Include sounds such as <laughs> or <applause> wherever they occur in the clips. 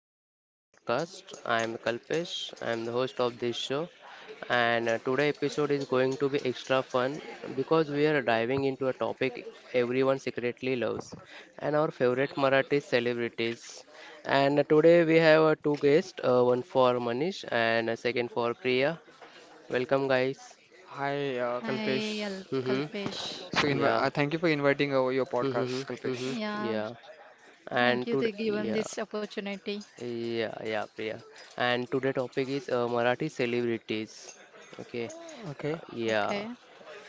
back to our podcast. I am Kalpesh, I am the host of this show, and today episode is going to be extra fun because we are diving into a topic everyone secretly loves and our favorite Marathi celebrities. And today we have two guests, one for Manish and a second for Priya. Welcome guys. Hi, Kalpesh. Hi, Mm-hmm. Kalpesh. Yeah. Thank you for inviting over your Mm-hmm. podcast, Mm-hmm. Kalpesh. Mm-hmm. Yeah, Yeah. And thank you today, to yeah. given this opportunity. Yeah, yeah, Priya. And today topic is Marathi celebrities. Okay, Okay. yeah, Okay.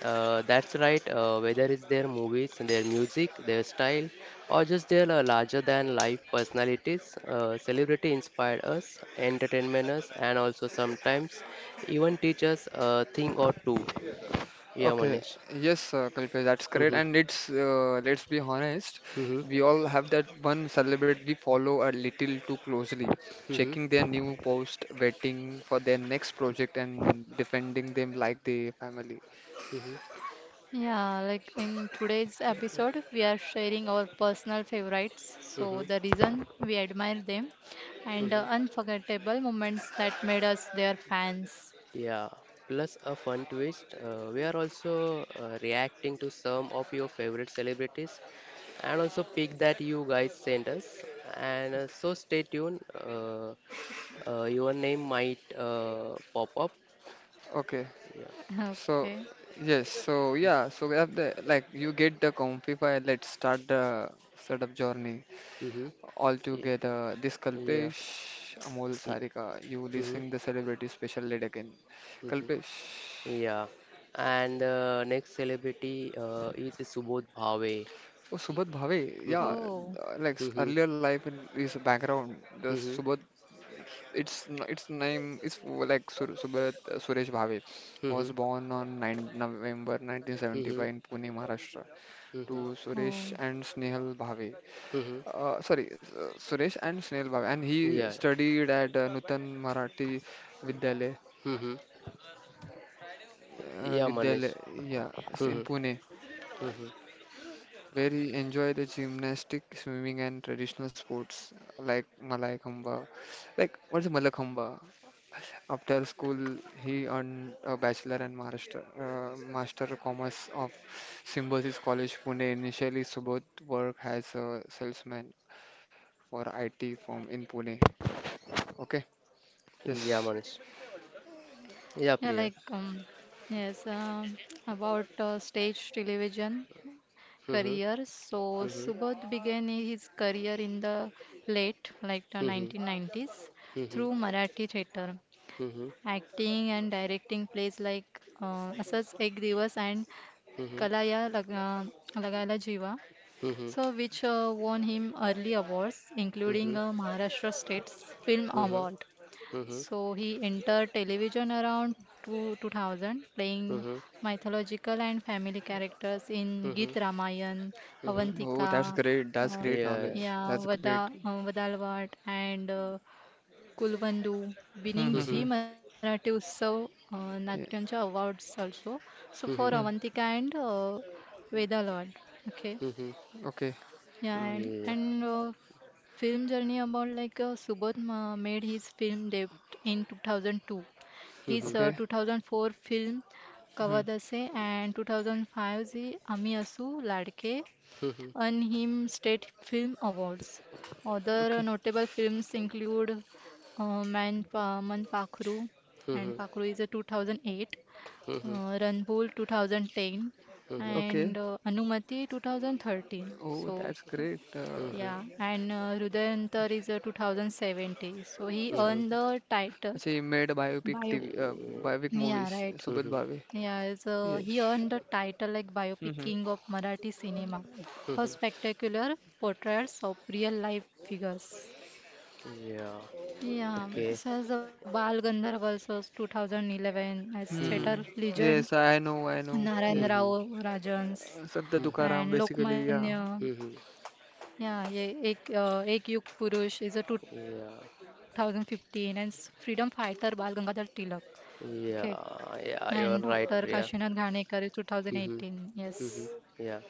that's right. Whether it's their movies, their music, their style, or just their larger than life personalities, celebrity inspired us, entertainment us, and also sometimes even teach us a thing or two. Yeah, Okay, Manish. yes, Kalpesh, that's correct. Mm-hmm. And it's let's be honest, Mm-hmm. we all have that one celebrate we follow a little too closely, checking their Mm-hmm. new post, waiting for their next project, and defending them like they family. Mm-hmm. Yeah, like in today's episode, we are sharing our personal favorites, so Mm-hmm. the reason we admire them, and Mm-hmm. Unforgettable moments that made us their fans. Yeah, plus a fun twist. We are also reacting to some of your favorite celebrities and also pick that you guys sent us. And so stay tuned. Your name might pop up. Okay, Yeah. so <laughs> Okay. yes, so yeah, so we have the like you get the comfy file. Let's start the startup journey. Mm-hmm. Yeah. Altogether, this Yeah. Kalpesh, Amol, Yeah. Sarika, you Mm-hmm. listening the celebrity special lead again. Kalpesh, Mm-hmm. Yeah. And next celebrity is Subodh Bhave. oh Subodh Bhave, yeah, Mm-hmm. Oh, Mm-hmm. earlier life in his background, the Mm-hmm. Subodh, its name is like Sur Subodh Suresh Bhave, Mm-hmm. was born on 9 November Mm-hmm. 1975 in Pune, Maharashtra, Mm-hmm. to Suresh oh. and Snehal Bhave. Mm-hmm. Suresh and Snehal Bhave, and he Yeah. studied at Nutan Marathi विद्यालय Mm-hmm. Yeah, Vidyalaya, Manish. yeah, it's in Mm-hmm. Pune, Mm-hmm. where he enjoy the gymnastic, swimming, and traditional sports like Malayakhamba. Like, what is Malayakhamba? After school, he earned a bachelor and master, master of commerce of Symbiosis College, Pune. Initially, Subodh worked as a salesman for IT firm in Pune. Okay, Yeah, yes. Manish. Yeah, Yeah, Priya. like yes. About stage television Mm-hmm. career. So Mm-hmm. Subodh began his career in the late like the Mm-hmm. 1990s Mm-hmm. through Marathi theatre, Mm-hmm. acting and directing plays like Asas Ek Divas and Kalaya Laga, Lagala Jiva. Mm-hmm. Mm-hmm. Mm-hmm. So which won him early awards Mm-hmm. including a Maharashtra State Film Award. Mm-hmm. So he entered television around 2000, playing Mm-hmm. mythological and family characters in Mm-hmm. Git Ramayan, Mm-hmm. Oh, that's Avantika, great. That's uh, Yeah. great Yeah. knowledge. yeah, That's great. Vada, Vadalvat, and Kulvandu, Hmm, winning hmm, Mm-hmm. Zee hmm. Marathi Utsav Natyancha Yeah. awards also. So for Mm-hmm. Avantika Hmm. and Vedalvat, okay. Okay. Yeah, Mm-hmm. and Yeah. and uh, film journey about like Subodh made his film debut in 2002. Mm-hmm. Mm-hmm. Mm-hmm. His Mm-hmm. Okay. 2004 film Hmm. Kavadase and 2005's Ami Asu Ladke earned him state film awards. Other Okay. notable films include Man Pakru, Mm-hmm. and Mm-hmm. Pakru is a 2008, Mm-hmm. uh, Ranbul 2010, and Okay. Anumati 2013. Oh, So, that's like, great. Yeah, and Rudayantar is a 2070, so he Yeah. अच्छा earned the title. अच्छा he made a biopic Bio. TV biopic Yeah, movies right. Subrat Mm-hmm. Bhave. Yeah, so Yes. he earned the title like biopic Mm-hmm. king of Marathi cinema for Mm-hmm. spectacular portraits of real life figures. Yeah. Yeah, Okay. says the Bal Gandharv also 2011 as theater Mm-hmm. Hmm. legend Yes, I know, I know. Narayan Yes. Mhm. Rao Rajans Santa Mhm. and Tukaram basically, yeah. Lokmanya. Mhm. Yeah, yeah, Ek Yug Purush is a 2015 and Yeah. Freedom fighter Bal Gangadhar Tilak. Okay. And Yeah. Yeah. Dr. You're right, Kashinath Priya. Ghanekar is 2018. Hmm. Yes. Hmm. Yeah.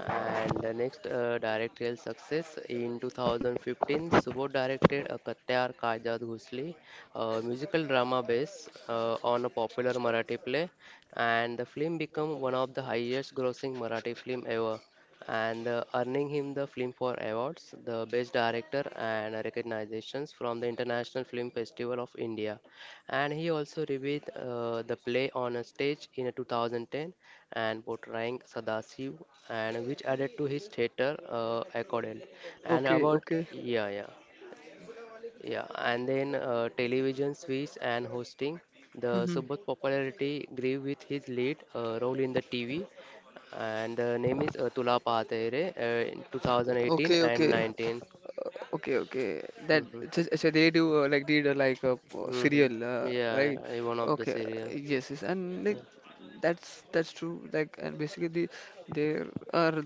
And the next directorial success in 2015, Subodh directed a Kattyar Kajat Ghusli, a musical drama based on a popular Marathi play, and the film became one of the highest-grossing Marathi film ever, and earning him the Filmfare Awards, the Best Director, and recognitions from the International Film Festival of India. And he also reviewed the play on a stage in 2010 and portraying Sadasiv, and which added to his theatre accordant. And Okay, about okay. yeah, yeah, yeah, and then television series and hosting. The Mm-hmm. Subodh's popularity grew with his lead role in the TV, and the name is Tula Paate Re in 2018 Okay, and okay. 19. Okay, okay. That Mhm. just, so they do like did like a Mhm. serial, Yeah, right? yeah, one of the Okay. Serial. Yes, yes. And like Yeah. that's true. Like and basically there are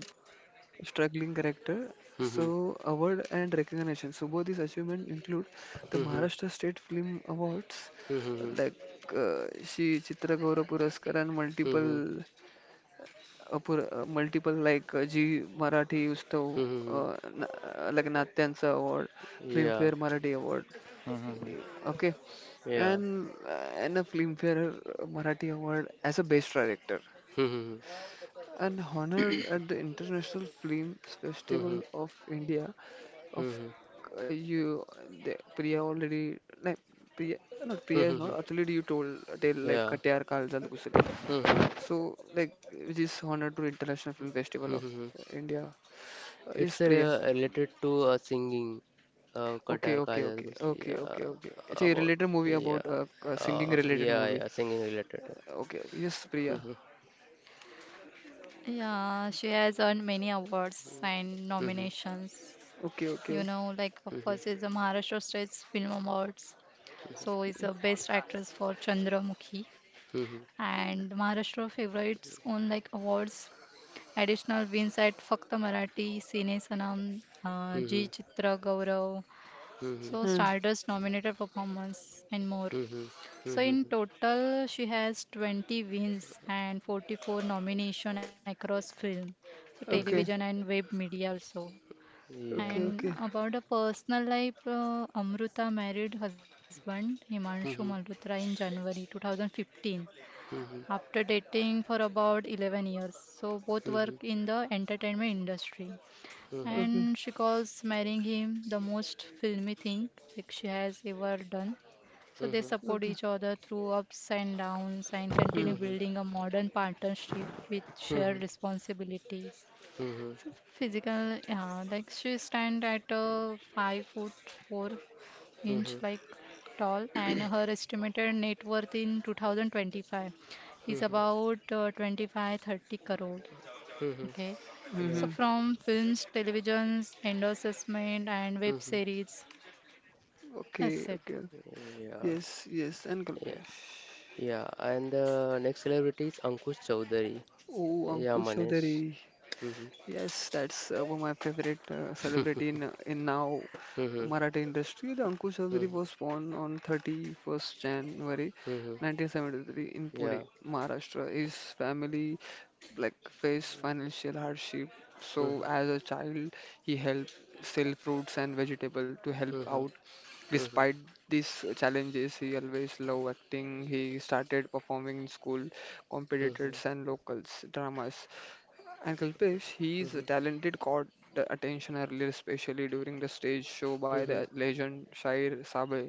struggling character. Mhm. So, award and recognition. So both these achievement include the Mhm. Maharashtra State Film Awards, Mhm. Mhm. like she Chitra Gaurav Puraskar and Mhm. multiple multiple like G Marathi Ustav Mhm. Like Natyansa Award, Yeah. Filmfare Marathi Award. Okay, Yeah. and uh, and a Filmfare Marathi Award as a best director. Hmm. An honor at the International Film Hmm. Hmm. Festival of India of Hmm. You the, Priya already no, Priya not Hmm. Priya Hmm. is Hmm. not actually you told a tale like Yeah. Katiyar Kaljal Ghusale. Hmm. Hmm. So like which is honor to International Film Festival Hmm. of Hmm. India is It's Priya. Related to singing. Okay, Qatar Ka okay, Ajaad okay, Gusli. okay, okay, Yeah. okay. It's a About. related movie Yeah. about singing related Yeah. movie. Yeah. Singing related. Okay, okay. Yes, Priya. Hmm. Yeah, she has earned many awards and Hmm. nominations. Okay, okay, You okay. know, like Hmm. first is the Maharashtra State Film Awards. So is the best actress for Chandramukhi Hmm. Hmm. and Maharashtra Favorites own like awards. Additional wins at Fakta Marathi, cine Sanam, Hmm. Hmm. जी चित्र गौरव, Hmm. Hmm. so Hmm. Stardust nominated performance and more. Hmm. Hmm. Hmm. So in Hmm. total, she has 20 wins and 44 nomination across film, so Hmm. television Hmm. Okay, and web media also. okay, Yeah. And okay, about her personal life, Amruta married husband Himanshu Malhotra <laughs> in January 2015 Hmm. Hmm. after dating for about 11 years. So both work Hmm. in the entertainment industry. Hmm. okay, And she calls marrying him the most filmy thing like she has ever done. Hmm. So they Hmm. support okay. each other through ups and downs and Hmm. Hmm. Hmm. Hmm. continue Hmm. Hmm. Hmm. building a modern partnership with Hmm. shared responsibility. Physical, yeah, like she stand at a 5 foot four Hmm. inch Hmm. like tall, and her estimated net worth in 2025 is Hmm. about 25 30 crore, Hmm. Hmm. okay, Yeah. Mm-hmm. so from films, televisions, endorsement, and web Mhm. series. Okay, That's it. okay. Yeah. Yes, yes, and Yeah. Kalpesh. Yeah. And the next celebrity is Ankush Chowdhury. Oh, Yeah, Ankush Manish. Chowdhary. Mhm. Yes, that's one of my favorite celebrity <laughs> in now Mhm. Marathi industry. The Ankush Chowdhary Mhm. was born on 31st January Mhm. <laughs> 1973 in Pune, Yeah. Maharashtra. His family like faced financial hardship. So Mhm. as a child, he helped sell fruits and vegetable to help Mhm. out. Mhm. Despite these challenges, he always loved acting. He started performing in school, Mhm. competitors and locals dramas. And Kalpesh, his Mhm. talented caught the attention earlier, especially during the stage show by the Mhm. legend Shair Sabe,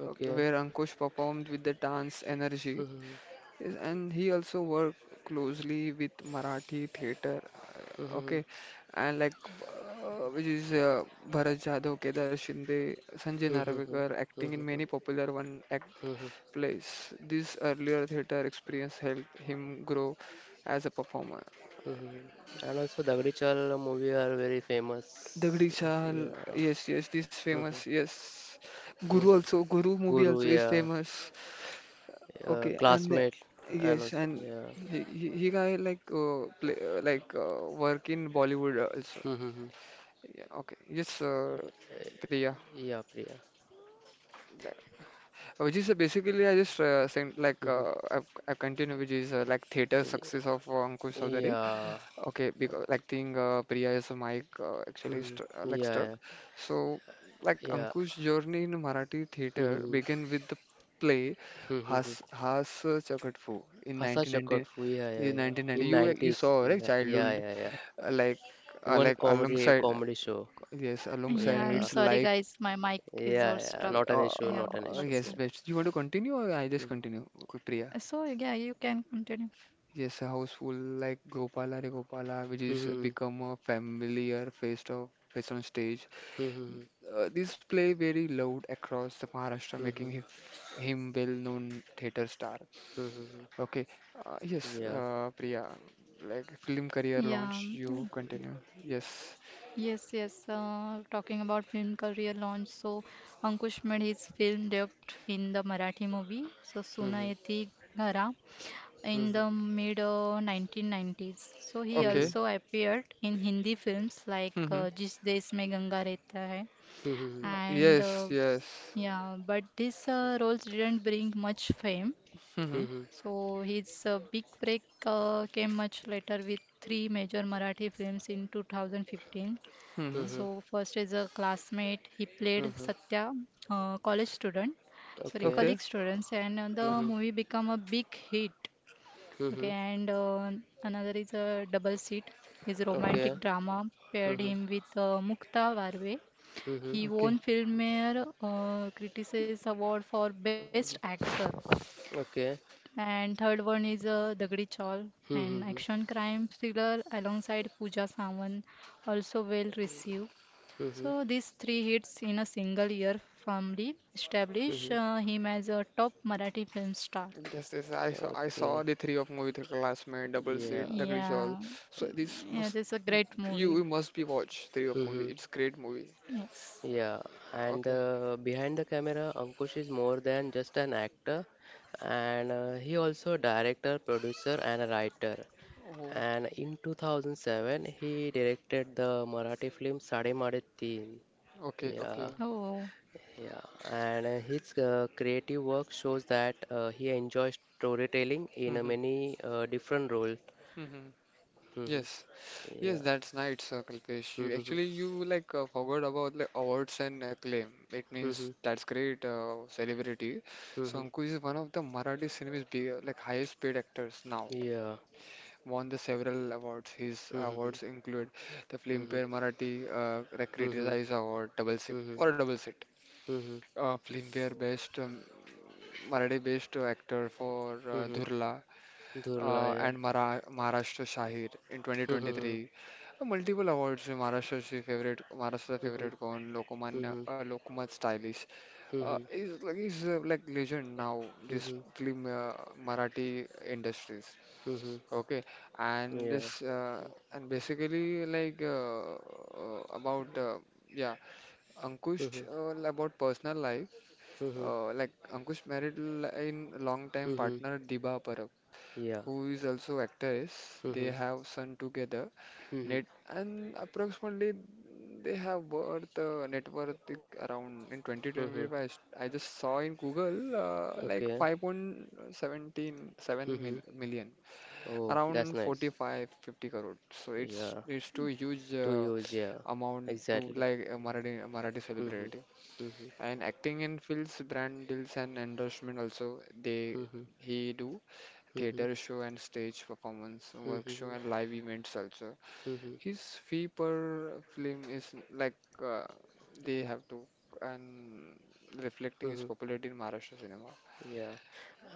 Okay. where Ankush performed with the dance energy. Mhm. Yes, and he also worked closely with Marathi theater, Mhm. Mhm. okay, and like which is Bharat Jadhav, Kedar Shinde, Sanjay Mhm. Narvekar acting in many popular one act Mhm. plays. This earlier theater experience helped him grow as a performer. Mhm. And also Dagdi Chal movie are very famous. Dagdi Chaal, Yeah. yes, yes, this famous, Mhm. yes. Guru Mhm. also, Guru movie Guru, also is yeah. famous. Okay, and classmate, and yes, also and yeah, he guy like play like work in Bollywood also. Mhm. Yeah, okay. Yes, Priya. yeah, Priya. Which is basically Mhm. I've, continued which is like theater yeah, success of Ankush Chowdhary. yeah, Okay, because like think Priya is a mic actually Mhm. st like yeah, stuck. yeah, So like yeah. Ankush journey in Marathi theater Mhm. began with the play Mhm. Has Chakat Fu Hasa in 1990 Chakotfu, yeah, yeah, in yeah. 1990. In You you 90s, saw right yeah, yeah, childhood yeah, yeah. uh, like Even like alongside comedy show, yes alongside Yeah, I'm yeah, it's sorry like guys, my mic is yeah, was yeah. stuck. Not an issue, Yeah, not an uh, issue, that's yes all. Priya. best. You want to continue or I just Mhm. continue Priya? So yeah, you can continue. Yes, a house full like Gopala Re Gopala, which is Mhm. become a familiar face on stage. Mhm. This play very loud across the Maharashtra, making Mhm. Him well-known theater star. Mhm. Okay, yes, Yeah. Priya, like film career Yeah. launch, you continue. Yes. Yes, yes. Talking about film career launch, so Ankush made his film debut in the Marathi movie, so Mhm. Sunayati Ghara, in Mhm. the mid 1990s. So he Mhm. Okay. also appeared in Hindi films like Mm-hmm. Jis Desh Mein Ganga Rehta Hai, Mhm. And Yes, yes. yeah, but these roles didn't bring much fame. Mm-hmm. Mhm. So his big break came much later with three major Marathi films in 2015. Mm-hmm. Mhm. So first is a classmate. He Mhm. played Mhm. Satya, college student, sorry, Okay. Okay. colleague students, and the Mm-hmm. movie become a big hit. Okay, Mm-hmm. and another is a double seat. His romantic Okay. drama paired Mm-hmm. him with Mukta Varve. Mm-hmm. He Okay. won Filmfare Critics Award for Best Actor. Okay. And third one is Dagdi Chaul, an Mm-hmm. action crime thriller alongside Pooja Samant, also well received. Mm-hmm. So these three hits in a single year firmly establish Mm-hmm. Him as a top Marathi film star. Yes, yes, I saw Okay. the three of movie the Classmate, Double Yeah. Seat, Tackle Chawl. Yeah, So this yeah, must this is a great you, movie. you must be watch three of movie. Mm-hmm. It's great movie. Yes. Yeah. And Okay. Behind the camera, Ankush is more than just an actor, and he also a director, producer, and a writer. Oh, And in 2007, he directed the Marathi film Sade Made Teen. okay, Yeah. okay. Oh, Yeah, and his creative work shows that he enjoys storytelling in a Mm-hmm. many different roles. Mm-hmm. Hmm. Yes, yes, Yeah. that's nice, Kalpesh. Hmm. You Hmm. actually you like forgot about like awards and acclaim. It means that's great celebrity. So Hmm. Ankush is one of the Marathi cinema's big, like highest paid actors now. Yeah. Won the several awards. His Hmm. Hmm. awards include the Hmm. Filmfare Marathi Recritize Award, double sit Hmm. or double sit. Hmm. Filmfare Best Marathi Best Actor for Hmm. Dhurla Durla, yeah. and Mara Maharashtra Shahir in Hmm. Hmm. 2023. Multiple awards. Maharashtra she favorite Maharashtra Hmm. favorite con Lokmanya Hmm. Lokmat Stylish. He's like legend now. This Hmm. film Marathi industries. Hmm. Okay, and Yeah. this and basically like about yeah Ankush Hmm. About personal life Hmm. Like Ankush married l- in long time Hmm. partner Diba Parab Yeah. who is also actress. They Hmm. have son together, Hmm. net and approximately they have worth net worth like around in Hmm. 2025. I just saw in Google like Okay. 5.17 7 seven Hmm. million Oh, that's around nice. 45 50 crore so it's Yeah, it's too huge to use. Yeah, amount to exactly. like a marathi celebrity Mhm. Mhm. and acting in films brand deals and endorsement also they Mhm. he do Mhm. theater show and stage performance work show Mhm. and live events also Mhm. his fee per film is like uh, they have to and reflecting his Mhm. popularity in Maharashtra cinema. Yeah,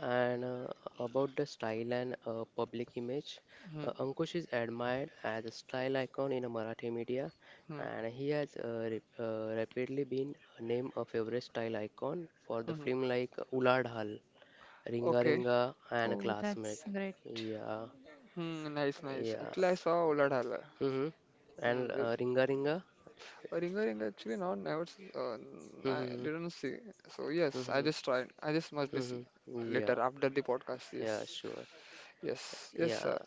and about the style and public image, Hmm, Ankush is admired as a style icon in Marathi media, hmm, and he has rep rapidly been named a favorite style icon for the hmm. film like Ulad Hal, Ringa Okay. Ringa, and oh, that's Classmate. great. Yeah, Hmm, nice, nice. yeah. Actually, I saw Oladhala. Hmm. And Hmm, it, Ringa Ringa? ring a ringer ring actually not never s- n- I Mm-hmm. didn't see. So yes, I just Mm-hmm. tried. I just must be see Mm-hmm. Yeah. later after the podcast. Yes, Yeah, sure. yes, yes, Yeah. sir.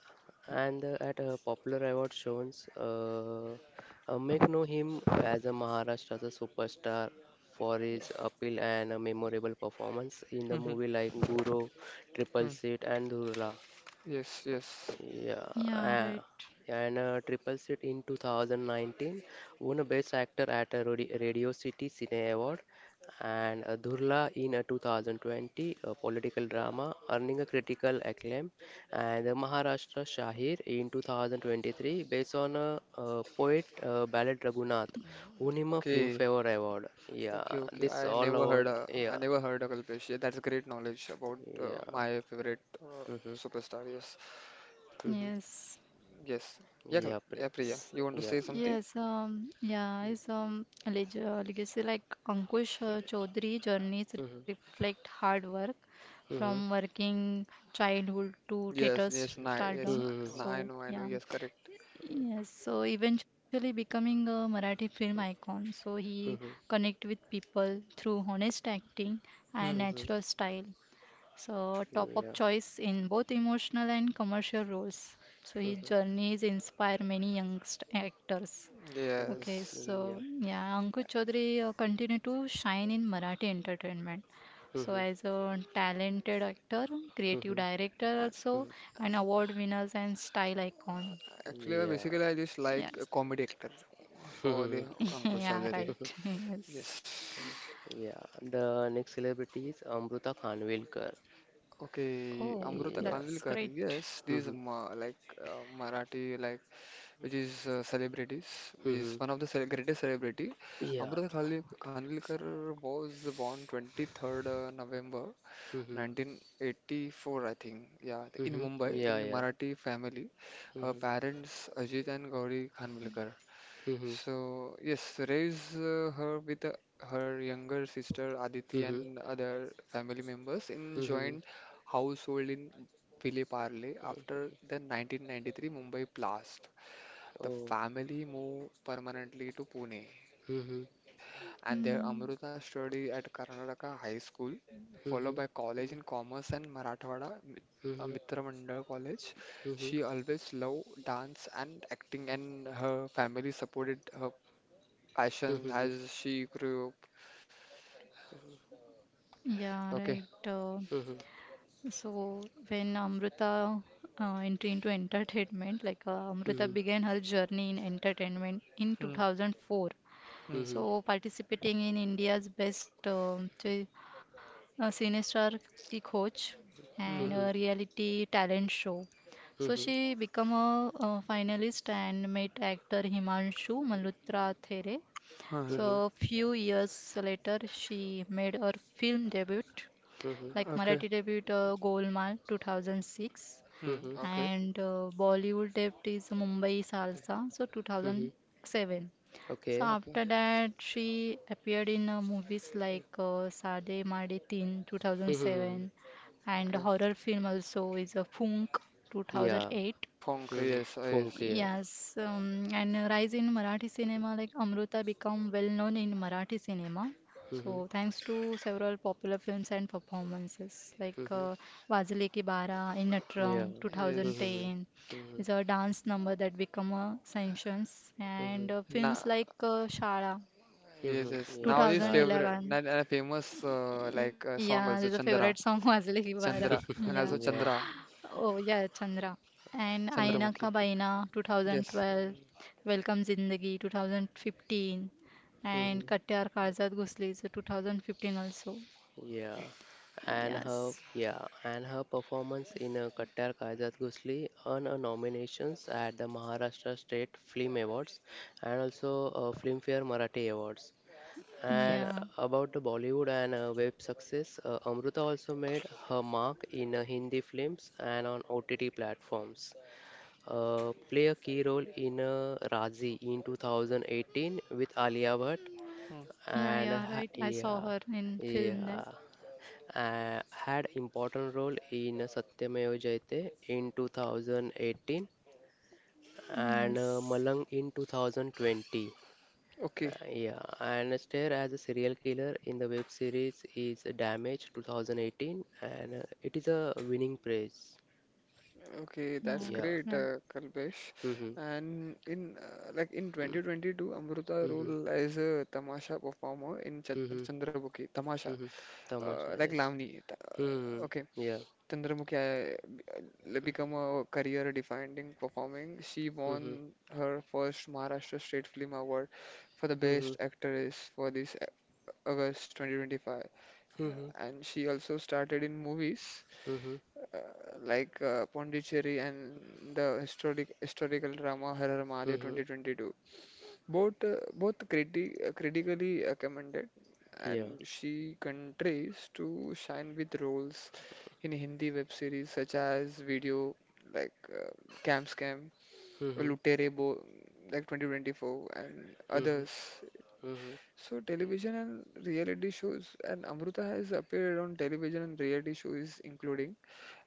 And at popular award shows, make know him as a Maharashtra's a superstar for his appeal and a memorable performance in the Mhm, movie like Guru, Triple mm, Seat, and Dhurla. yes, yes. Yeah, Yeah, right. uh, and Triple Set in 2019 won a Best Actor at a Radio City Cine Award, and Dhurla in 2020, a political drama, earning a critical acclaim, and the Maharashtra Shahir in 2023, based on a, poet ballad Raghunath, won him a Okay, Filmfare Award. Yeah, okay, okay. this I all never heard. award. I Yeah, never heard of Kalpesh. Yeah, that's great knowledge about yeah. my favorite Mm-hmm, superstar. Yes, mm-hmm. Yes. yes. Yeah, Kal Yeah, yeah, Priya. S- You want to yeah. say something? Yes, yeah, his legacy, like Ankush Chaudhary journeys Mm-hmm, reflect hard work mm-hmm. from working childhood to Yes, theater yes. Nah, yes. I, stardom. nah, Mhm, I know. So, I know. yeah. Yes, correct. Yes, so eventually becoming a Marathi film icon. So he mhm, connect with people through honest acting and Hmm. mhm, natural style. So top of yeah, choice in both emotional and commercial roles. So his mhm, journeys inspire many youngst actors. Okay, Yes. mhm, so yeah, yeah, Ankush Chaudhary continue to shine in Marathi entertainment. So mhm, as a talented actor, creative mhm, director also, mhm, and award winners and style icon. Actually, I yeah, basically I just like a Yes. comedy actor for the mhm, <laughs> Ankush Yeah, Sawlere. mhm, right. <laughs> Yes. Yes. yeah. The next celebrity is Amrita Khanvilkar. Okay, Oh, Amruta Yeah, that's Kanvilkar. great. Yes, these mhm, ma like Marathi like which is celebrities, which is mhm, one of the cele greatest celebrity. yeah, Kanvilkar was born 23rd November mhm, 1984, I think. Yeah, in mhm, Mumbai, yeah, in yeah, Marathi family. Her mhm, parents Ajit and Gauri Kanvilkar. mhm, So, yes, raise her with her younger sister Aditi mhm, and other family members in mhm. joint household in Ville Parle after the 1993 Mumbai blast. The Oh, family moved permanently to Pune, mhm, and there Mm, Amruta studied at Karnataka High School, followed mhm, by college in Commerce and mhm, Mitra Mandal College. mhm, mhm, She always loved dance and acting, and her family supported her Aishan, mhm, as she grew up. yeah, Okay. right. So when Amrita entered into entertainment, like Amrita mhm, began her journey in entertainment in Hmm. 2004. Hmm. mhm, So participating in India's best Cinestar Ki Khoj Hmm. and Hmm. a reality talent show. So mhm, she became a finalist and met actor Himanshu Malhotra there. Huh. mhm, mhm. So few years later, she made her film debut, Mhm. like Huh. Okay. Marathi debut, Golmaal 2006, Hmm. Mhm. Okay. and Bollywood debut is Mumbai Salsa, so Mhm. 2007. So Okay. Okay. after that, she appeared in movies like Sade Maade Teen Mhm. 2007, and Okay. horror film also is a Funk Yeah. 2008. Punk. Mhm. Yes. Funk. Yes. Yeah. Yes, and a rise in Marathi cinema, like Amruta become well known in Marathi cinema. Mhm. So thanks to several popular films and performances like Mhm. Wazile Ki Bara in Natrang Yeah. Yes. Mhm. 2010 Mhm. is a dance number that become a sanctions, and Mhm. Na. films like Shala Yes. Mhm. Yes. Yeah. Now his Sure. favorite, 2011. and a famous Yeah, there's song a also favorite song Chandra, <laughs> Wazile Ki Bara. Chandra, Yeah. and <laughs> also Yeah. Chandra, Oh yeah, Chandra. And Aina Mhm. Ka Chandramukhi. Baina Yes. 2012, Welcome Zindagi 2015, and Mhm. Mm. Katyar Karzat Ghusli so 2015 also. Yeah. And her Yes. yeah, and her performance in Kattar Kajat Ghusli earned a nominations at the Maharashtra State Film Awards and also Filmfare Marathi Awards. Okay. And Yeah. about the Bollywood and web success, Amrita also made her mark in Hindi films and on OTT platforms. Play a key role in Razi in 2018 with Alia Bhatt Hmm. Yeah, and yeah, right. I saw yeah, her in film that. yeah, had important role in Satyameva Jayate in 2018 and Yes. Malang in 2020. Okay. Yeah, and Stair as a serial killer in the web series is Damage 2018, and it is a winning praise. Okay, Yeah, that's Yeah. great, right. Kalpesh. Mm-hmm. And in in Mm-hmm. 2022, Amruta Mm-hmm. role as a tamasha performer in Mm-hmm. Chandramukhi, tamasha, Mm-hmm. Tamasha, like yes. Lavani. Okay, Mm-hmm. Yeah. Chandramukhi become a career-defining performing. She Mm-hmm. won her first Maharashtra State Film Award for the Mm-hmm. Best Actress for this August 2025, Mm-hmm. and she also started in movies Mm-hmm. uh, Pondicherry and the historical drama Harar Mahadev Mm-hmm. 2022. Both critically commended, Yeah. and she continues to shine with roles in Hindi web series such as Video like uh, Camp Scam, Mm-hmm. Lutere Bo like 2024 and Mm-hmm. others. Mm-hmm. So television and reality shows and Amruta has appeared on television and reality shows including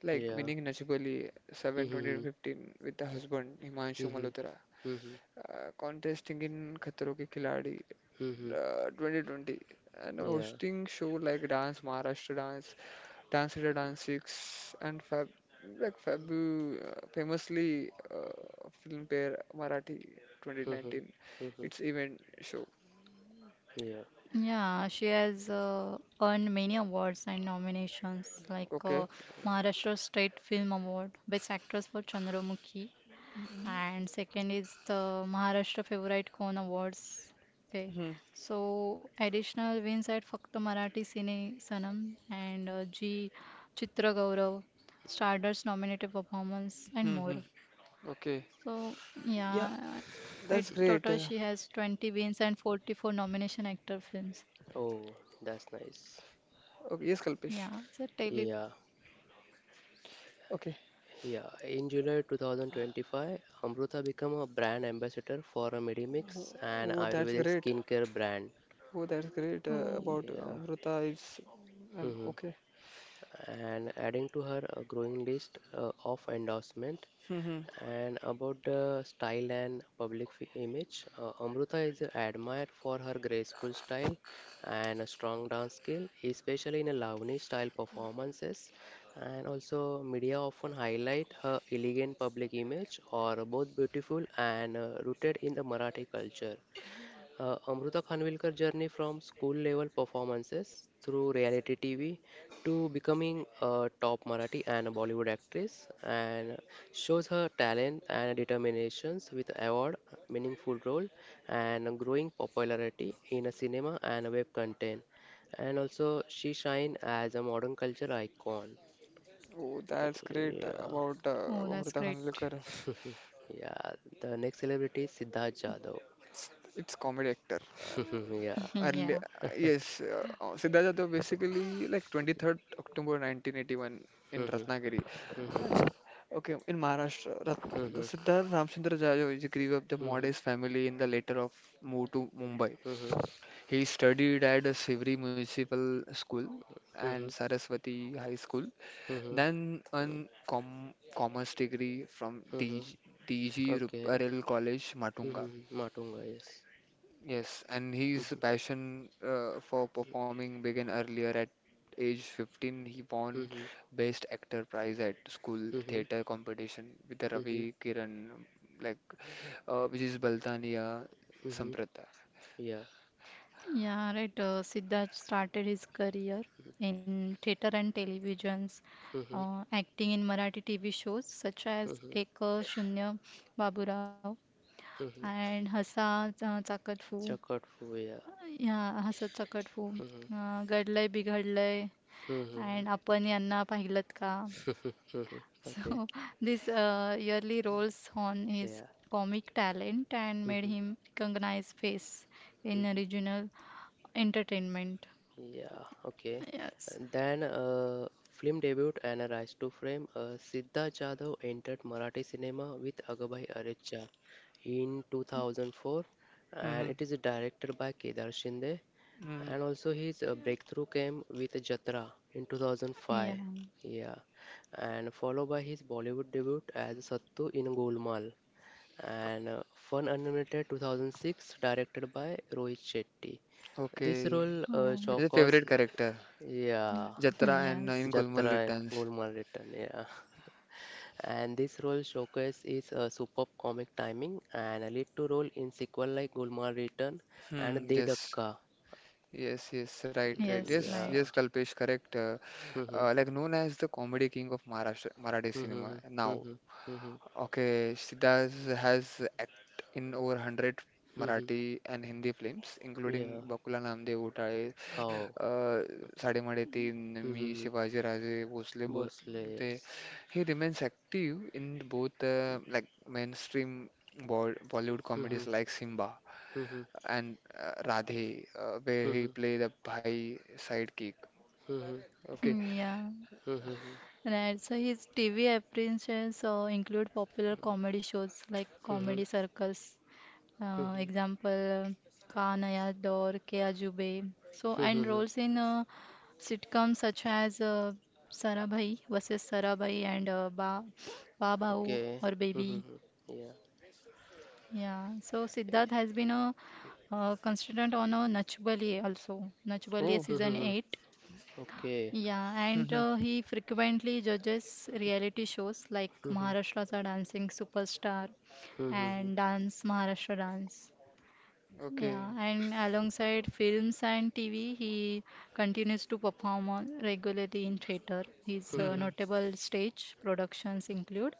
like Yeah. winning Nachib 72015 Mm-hmm. with the husband Himanshu Mm-hmm. Malhotra, Mm-hmm. Contesting in Khatro Ke Khiladi Mm-hmm. 2020, and Yeah. hosting show like Dance Maharashtra Dance, Dance India Dance 6, and Fab, like Fabu famously Filmpare Marathi Mm-hmm. 2019. Mm-hmm. It's event show. Yeah. Yeah, she has earned many awards and nominations like Okay. Maharashtra State Film Award, Best Actress for Chandramukhi, and second is the Maharashtra Favorite Cone Awards. Okay. Hmm. So additional wins at Fakta Marathi Cine Sanam and G Chitra Gaurav, Stardust nominated performance, and Hmm. more. Hmm. Okay. So Yeah, yeah, it that's total great. she has 20 wins and 44 nomination actor films. Oh, that's nice. Okay. Yes, Kalpesh. Yeah. So Yeah. Tele. Okay. Yeah, in July 2025, Amrutha became a brand ambassador for a Medimix an Oh, that's Ayurvedic great. skincare brand. Oh, that's great. About Oh, Yeah. Amrita is Mhm. okay. And adding to her a growing list of endorsement. Hmm. And about the style and image, Amrutha is admired for her graceful style and a strong dance skill, especially in a Lavani style performances. And also, media often highlight her elegant public image, or both beautiful and rooted in the Marathi culture. Amruta Khanvilkar journey from school level performances through reality TV to becoming a top Marathi and a Bollywood actress and shows her talent and determinations with award, meaningful role and a growing popularity in a cinema and a web content. And also she shine as a modern culture icon. Oh, that's great Yeah. about oh, that's Amrita great. Khanvilkar. <laughs> Yeah, the next celebrity is Siddharth Jadhav. It's, it's comedy actor. <laughs> Early, Yeah. yes, Siddharth Jadhav basically like 23rd October 1981 in Ratnagiri. Okay, in Maharashtra, Rat <laughs> Siddharth Ramchandra Jadhav is grew up the Yeah. <laughs> modest family in the later of moved to Mumbai. Mhm. He studied at a Sivri Municipal School and Mhm. Saraswati High School. Mhm. Then an commerce degree from Mhm. DG, Okay. Ruparel College, Matunga. Mhm. Matunga, yes. Yes, and his Mhm. passion for performing began earlier at age 15. He won Mhm. Best Actor prize at school Mhm. theater competition with the Mhm. Ravi Kiran, like which is Baltania Mhm. Samprata. Yeah. Yeah, right. Siddharth started his career in theatre and televisions, Mhm. Acting in Marathi TV shows such as Mhm. Ek Shunya Baburao Mhm. and Hasa Chakatfu. Chakat fu, yeah. Yeah, Hasa Chakatfu. Mhm. Gadlay Bighadlay Mhm. and Apan Yanna Pahilat Ka. <laughs> Mhm. Okay. So <laughs> these yearly roles on his Yeah. comic talent and made Mhm. him recognized face in Mhm. regional entertainment. Yeah, okay. Yes. And then film debut and a rise to fame. Siddharth Jadhav entered Marathi cinema with Agabhai Arecha in 2004, and Hmm, it is directed by Kedar Shinde. And hmm. also his breakthrough came with Jatra in 2005. Yeah. Yeah, and followed by his Bollywood debut as Sattu in Golmaal and Fun Unlimited 2006, directed by Rohit Shetty. This Okay, role Oh, he's a favorite showcased, character, <laughs> yeah, Jatra yes. and in Jatra Gulmaal and Returns. Gulmaal Return, yeah. And this role showcase is a superb comic timing and a lead to role in sequel like Gulmaal Return and Hmm, De yes. Dhakka. Yes, yes, right, right. Yes, Yes, right. yes, Yeah. Kalpesh, correct. Hmm. Like known as the comedy king of Maharashtra, Marathi cinema. Hmm. Now, Hmm. Hmm. okay, Siddhas has act in over 100 Hmm. Marathi and Hindi films, including Yeah. Bakula Namdev Utale, How? uh, Sademadhe Teen, me Hmm. Shivaji Raje Bhosle Mostly ते yes. he remains active in both Bollywood Hmm. comedies like Simba Hmm. and Radhe, where he Hmm. play the Bhai sidekick. Mhm. <laughs> Okay. Hmm, yeah. Mhm. Right. So his TV appearances include popular comedy shows like Comedy Mhm. Circus, Mhm. example, Ka Naya Daur, Ke Ajube. So, and Mhm. roles in sitcoms such as Sarabhai versus Sarabhai and Ba Bahu or Okay. Baby. Mhm. Yeah. Yeah, so Siddharth has been a constant on a Nach Baliye also, Nach Baliye Oh. season Mhm. 8. Okay. Yeah, and Mm-hmm. He frequently judges reality shows like Mhm. Maharashtra's Dancing Superstar Mhm. and Dance Maharashtra Dance. Okay. Yeah, and alongside films and TV, he continues to perform on regularly in theatre. His Mhm. Mm-hmm. notable stage productions include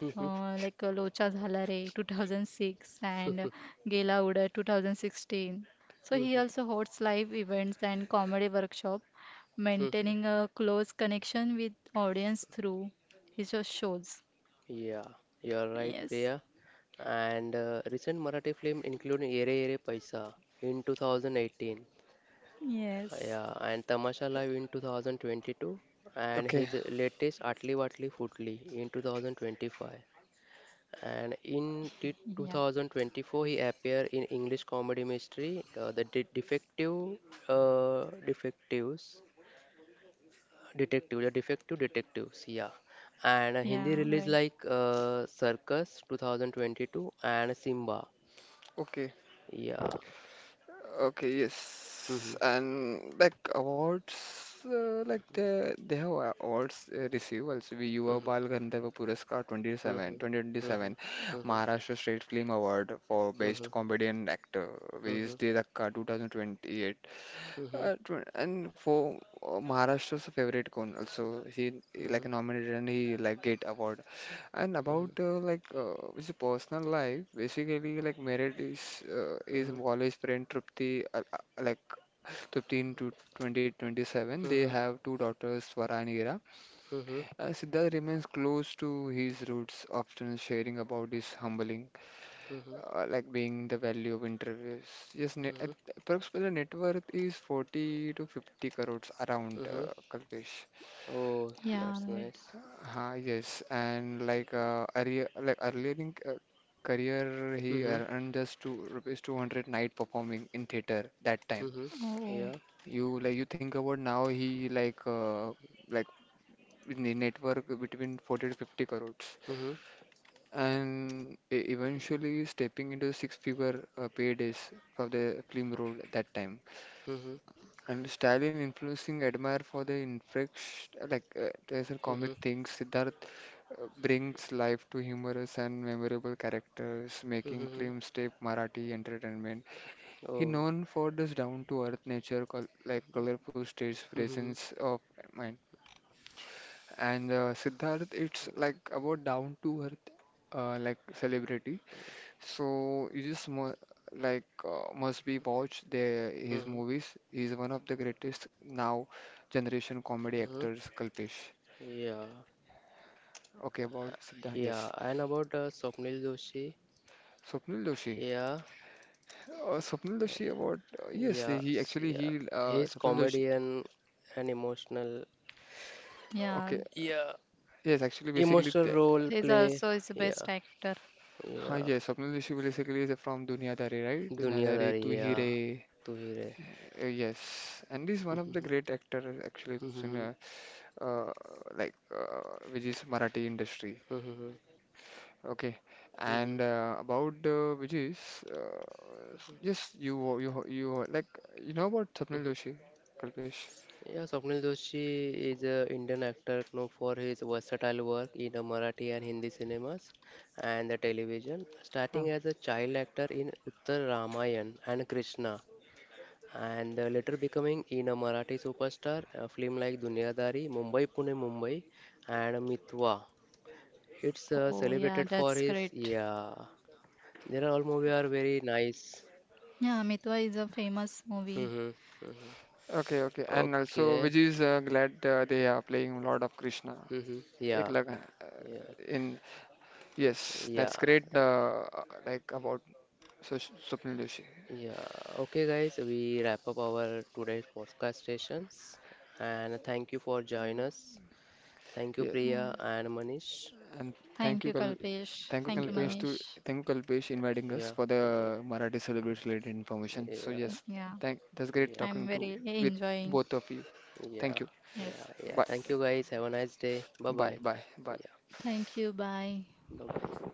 Mhm. Locha Jhala Re 2006 and Gela Uda 2016. So he Hmm. also hosts live events and comedy workshop, Hmm. maintaining a close connection with audience through his shows. Yeah. You are right, Yes, Priya. And recent Marathi film including Yere Yere Paisa in 2018. Yes, Yeah. And Tamasha Live in 2022. And Okay. his latest Atli Watli Footli in 2025. And yeah, 2024, he appeared in English comedy mystery, Defective Defectives, Detective, The Defective Detectives, yeah. And a yeah, Hindi right, release like Circus 2022 and Simba, Okay. yeah. Okay. Yes. Mhm, And like awards, like they have awards receive also. We Yuva mhm, Bal Gandharva Puraskar 27, mhm, mhm, 2027, mhm, Maharashtra State Film Award for mhm, Best Comedian Actor, which is mhm, Dakka 2028. mhm, mhm, mhm, And for Maharashtra's favorite cone also he like mhm, nominated and he like get award and about mhm, his personal life basically like married is his college friend Trupti like 15 to 2027 they have two daughters Swara and Ira, mhm, Siddharth remains close to his roots often sharing about his humbling mhm, like being the value of interviews. Yes, mhm, approximately the net worth is 40 to 50 crores around, mhm. Kalpesh. Oh, yeah, that's right. nice. Yes, and like earlier in career, he Mhm. earned just two rupees 200 night performing in theater that time. Mm-hmm. Oh, Yeah. oh. You like you think about now he like in the network between 40 to 50 crores. Mm-hmm. And eventually stepping into six-figure paydays for the film role at that time. Mm-hmm. And Stalin influencing admire for the infresh like there's a comic Mm-hmm. things. Siddharth brings life to humorous and memorable characters, making Mm-hmm. film step Marathi entertainment. He Oh. known for this down-to-earth nature, col like colorful stage Mm-hmm. presence of mind. And Siddharth, it's like about down-to-earth like celebrity. So you just mu like must be watch their his Mm-hmm. movies. He's one of the greatest now generation comedy Mm-hmm. actors, Kalpesh. Yeah. Okay, about Siddha, Yeah. yes. And about Swapnil Doshi. Swapnil Doshi. Yeah. Swapnil Doshi about yes, Yeah. he actually Yeah. he His Swapnil Doshi. comedian and emotional. Yeah, Okay, Yeah. yes, actually basically Emotional the role he's play. also his Yeah. best actor. Yeah. yes, Swapnil Doshi basically is from Duniadari, right? Duniadari, Dunyadari. Tu Hi Yeah. Re. Tu hi re. Yes, and this is one of the Mm-hmm. great actor actually, Mm-hmm. Sunya, uh, uh, which is Marathi industry. Mm-hmm. Okay, Mm-hmm. and about Vijay's, yes, you know about Swapnil Mm-hmm. Doshi, Kalpesh. Yeah, Swapnil Doshi is an Indian actor known for his versatile work in the Marathi and Hindi cinemas and the television, Hmm. starting as a child actor in Uttar Ramayan and Krishna, and later becoming in a Marathi superstar, a film like Dunyadari, Mumbai Pune Mumbai, and Mitwa. It's Oh, yeah, celebrated for that's his, great. yeah, there are all movies are very nice. Yeah, Mitwa is a famous movie. Hmm. Hmm. Okay, okay, and also Okay. Vijay's glad they are playing Lord of Krishna. Hmm. Ek Yeah. लगा Yeah. in yes, Yeah, that's great. Like about Swapnil Doshi. yeah, okay, guys, we wrap up our today's podcast sessions and thank you for joining us. Thank you, Yes. Yeah. Priya and Manish. And thank Thank you, you, Kal Kalpesh. thank you, Thank you, Yeah, Kalpesh, to Manish. thank you, Kalpesh, inviting us yeah, for the yeah, Marathi Celebrate related information. So yeah, yes, Yeah, thank. That's great yeah, I'm talking to very with enjoying. both of you. Thank yeah, you. yeah, Yes. yeah. Bye, Thank you, guys. Have a nice day. Bye bye. Yeah, bye. Thank you. Bye. bye bye.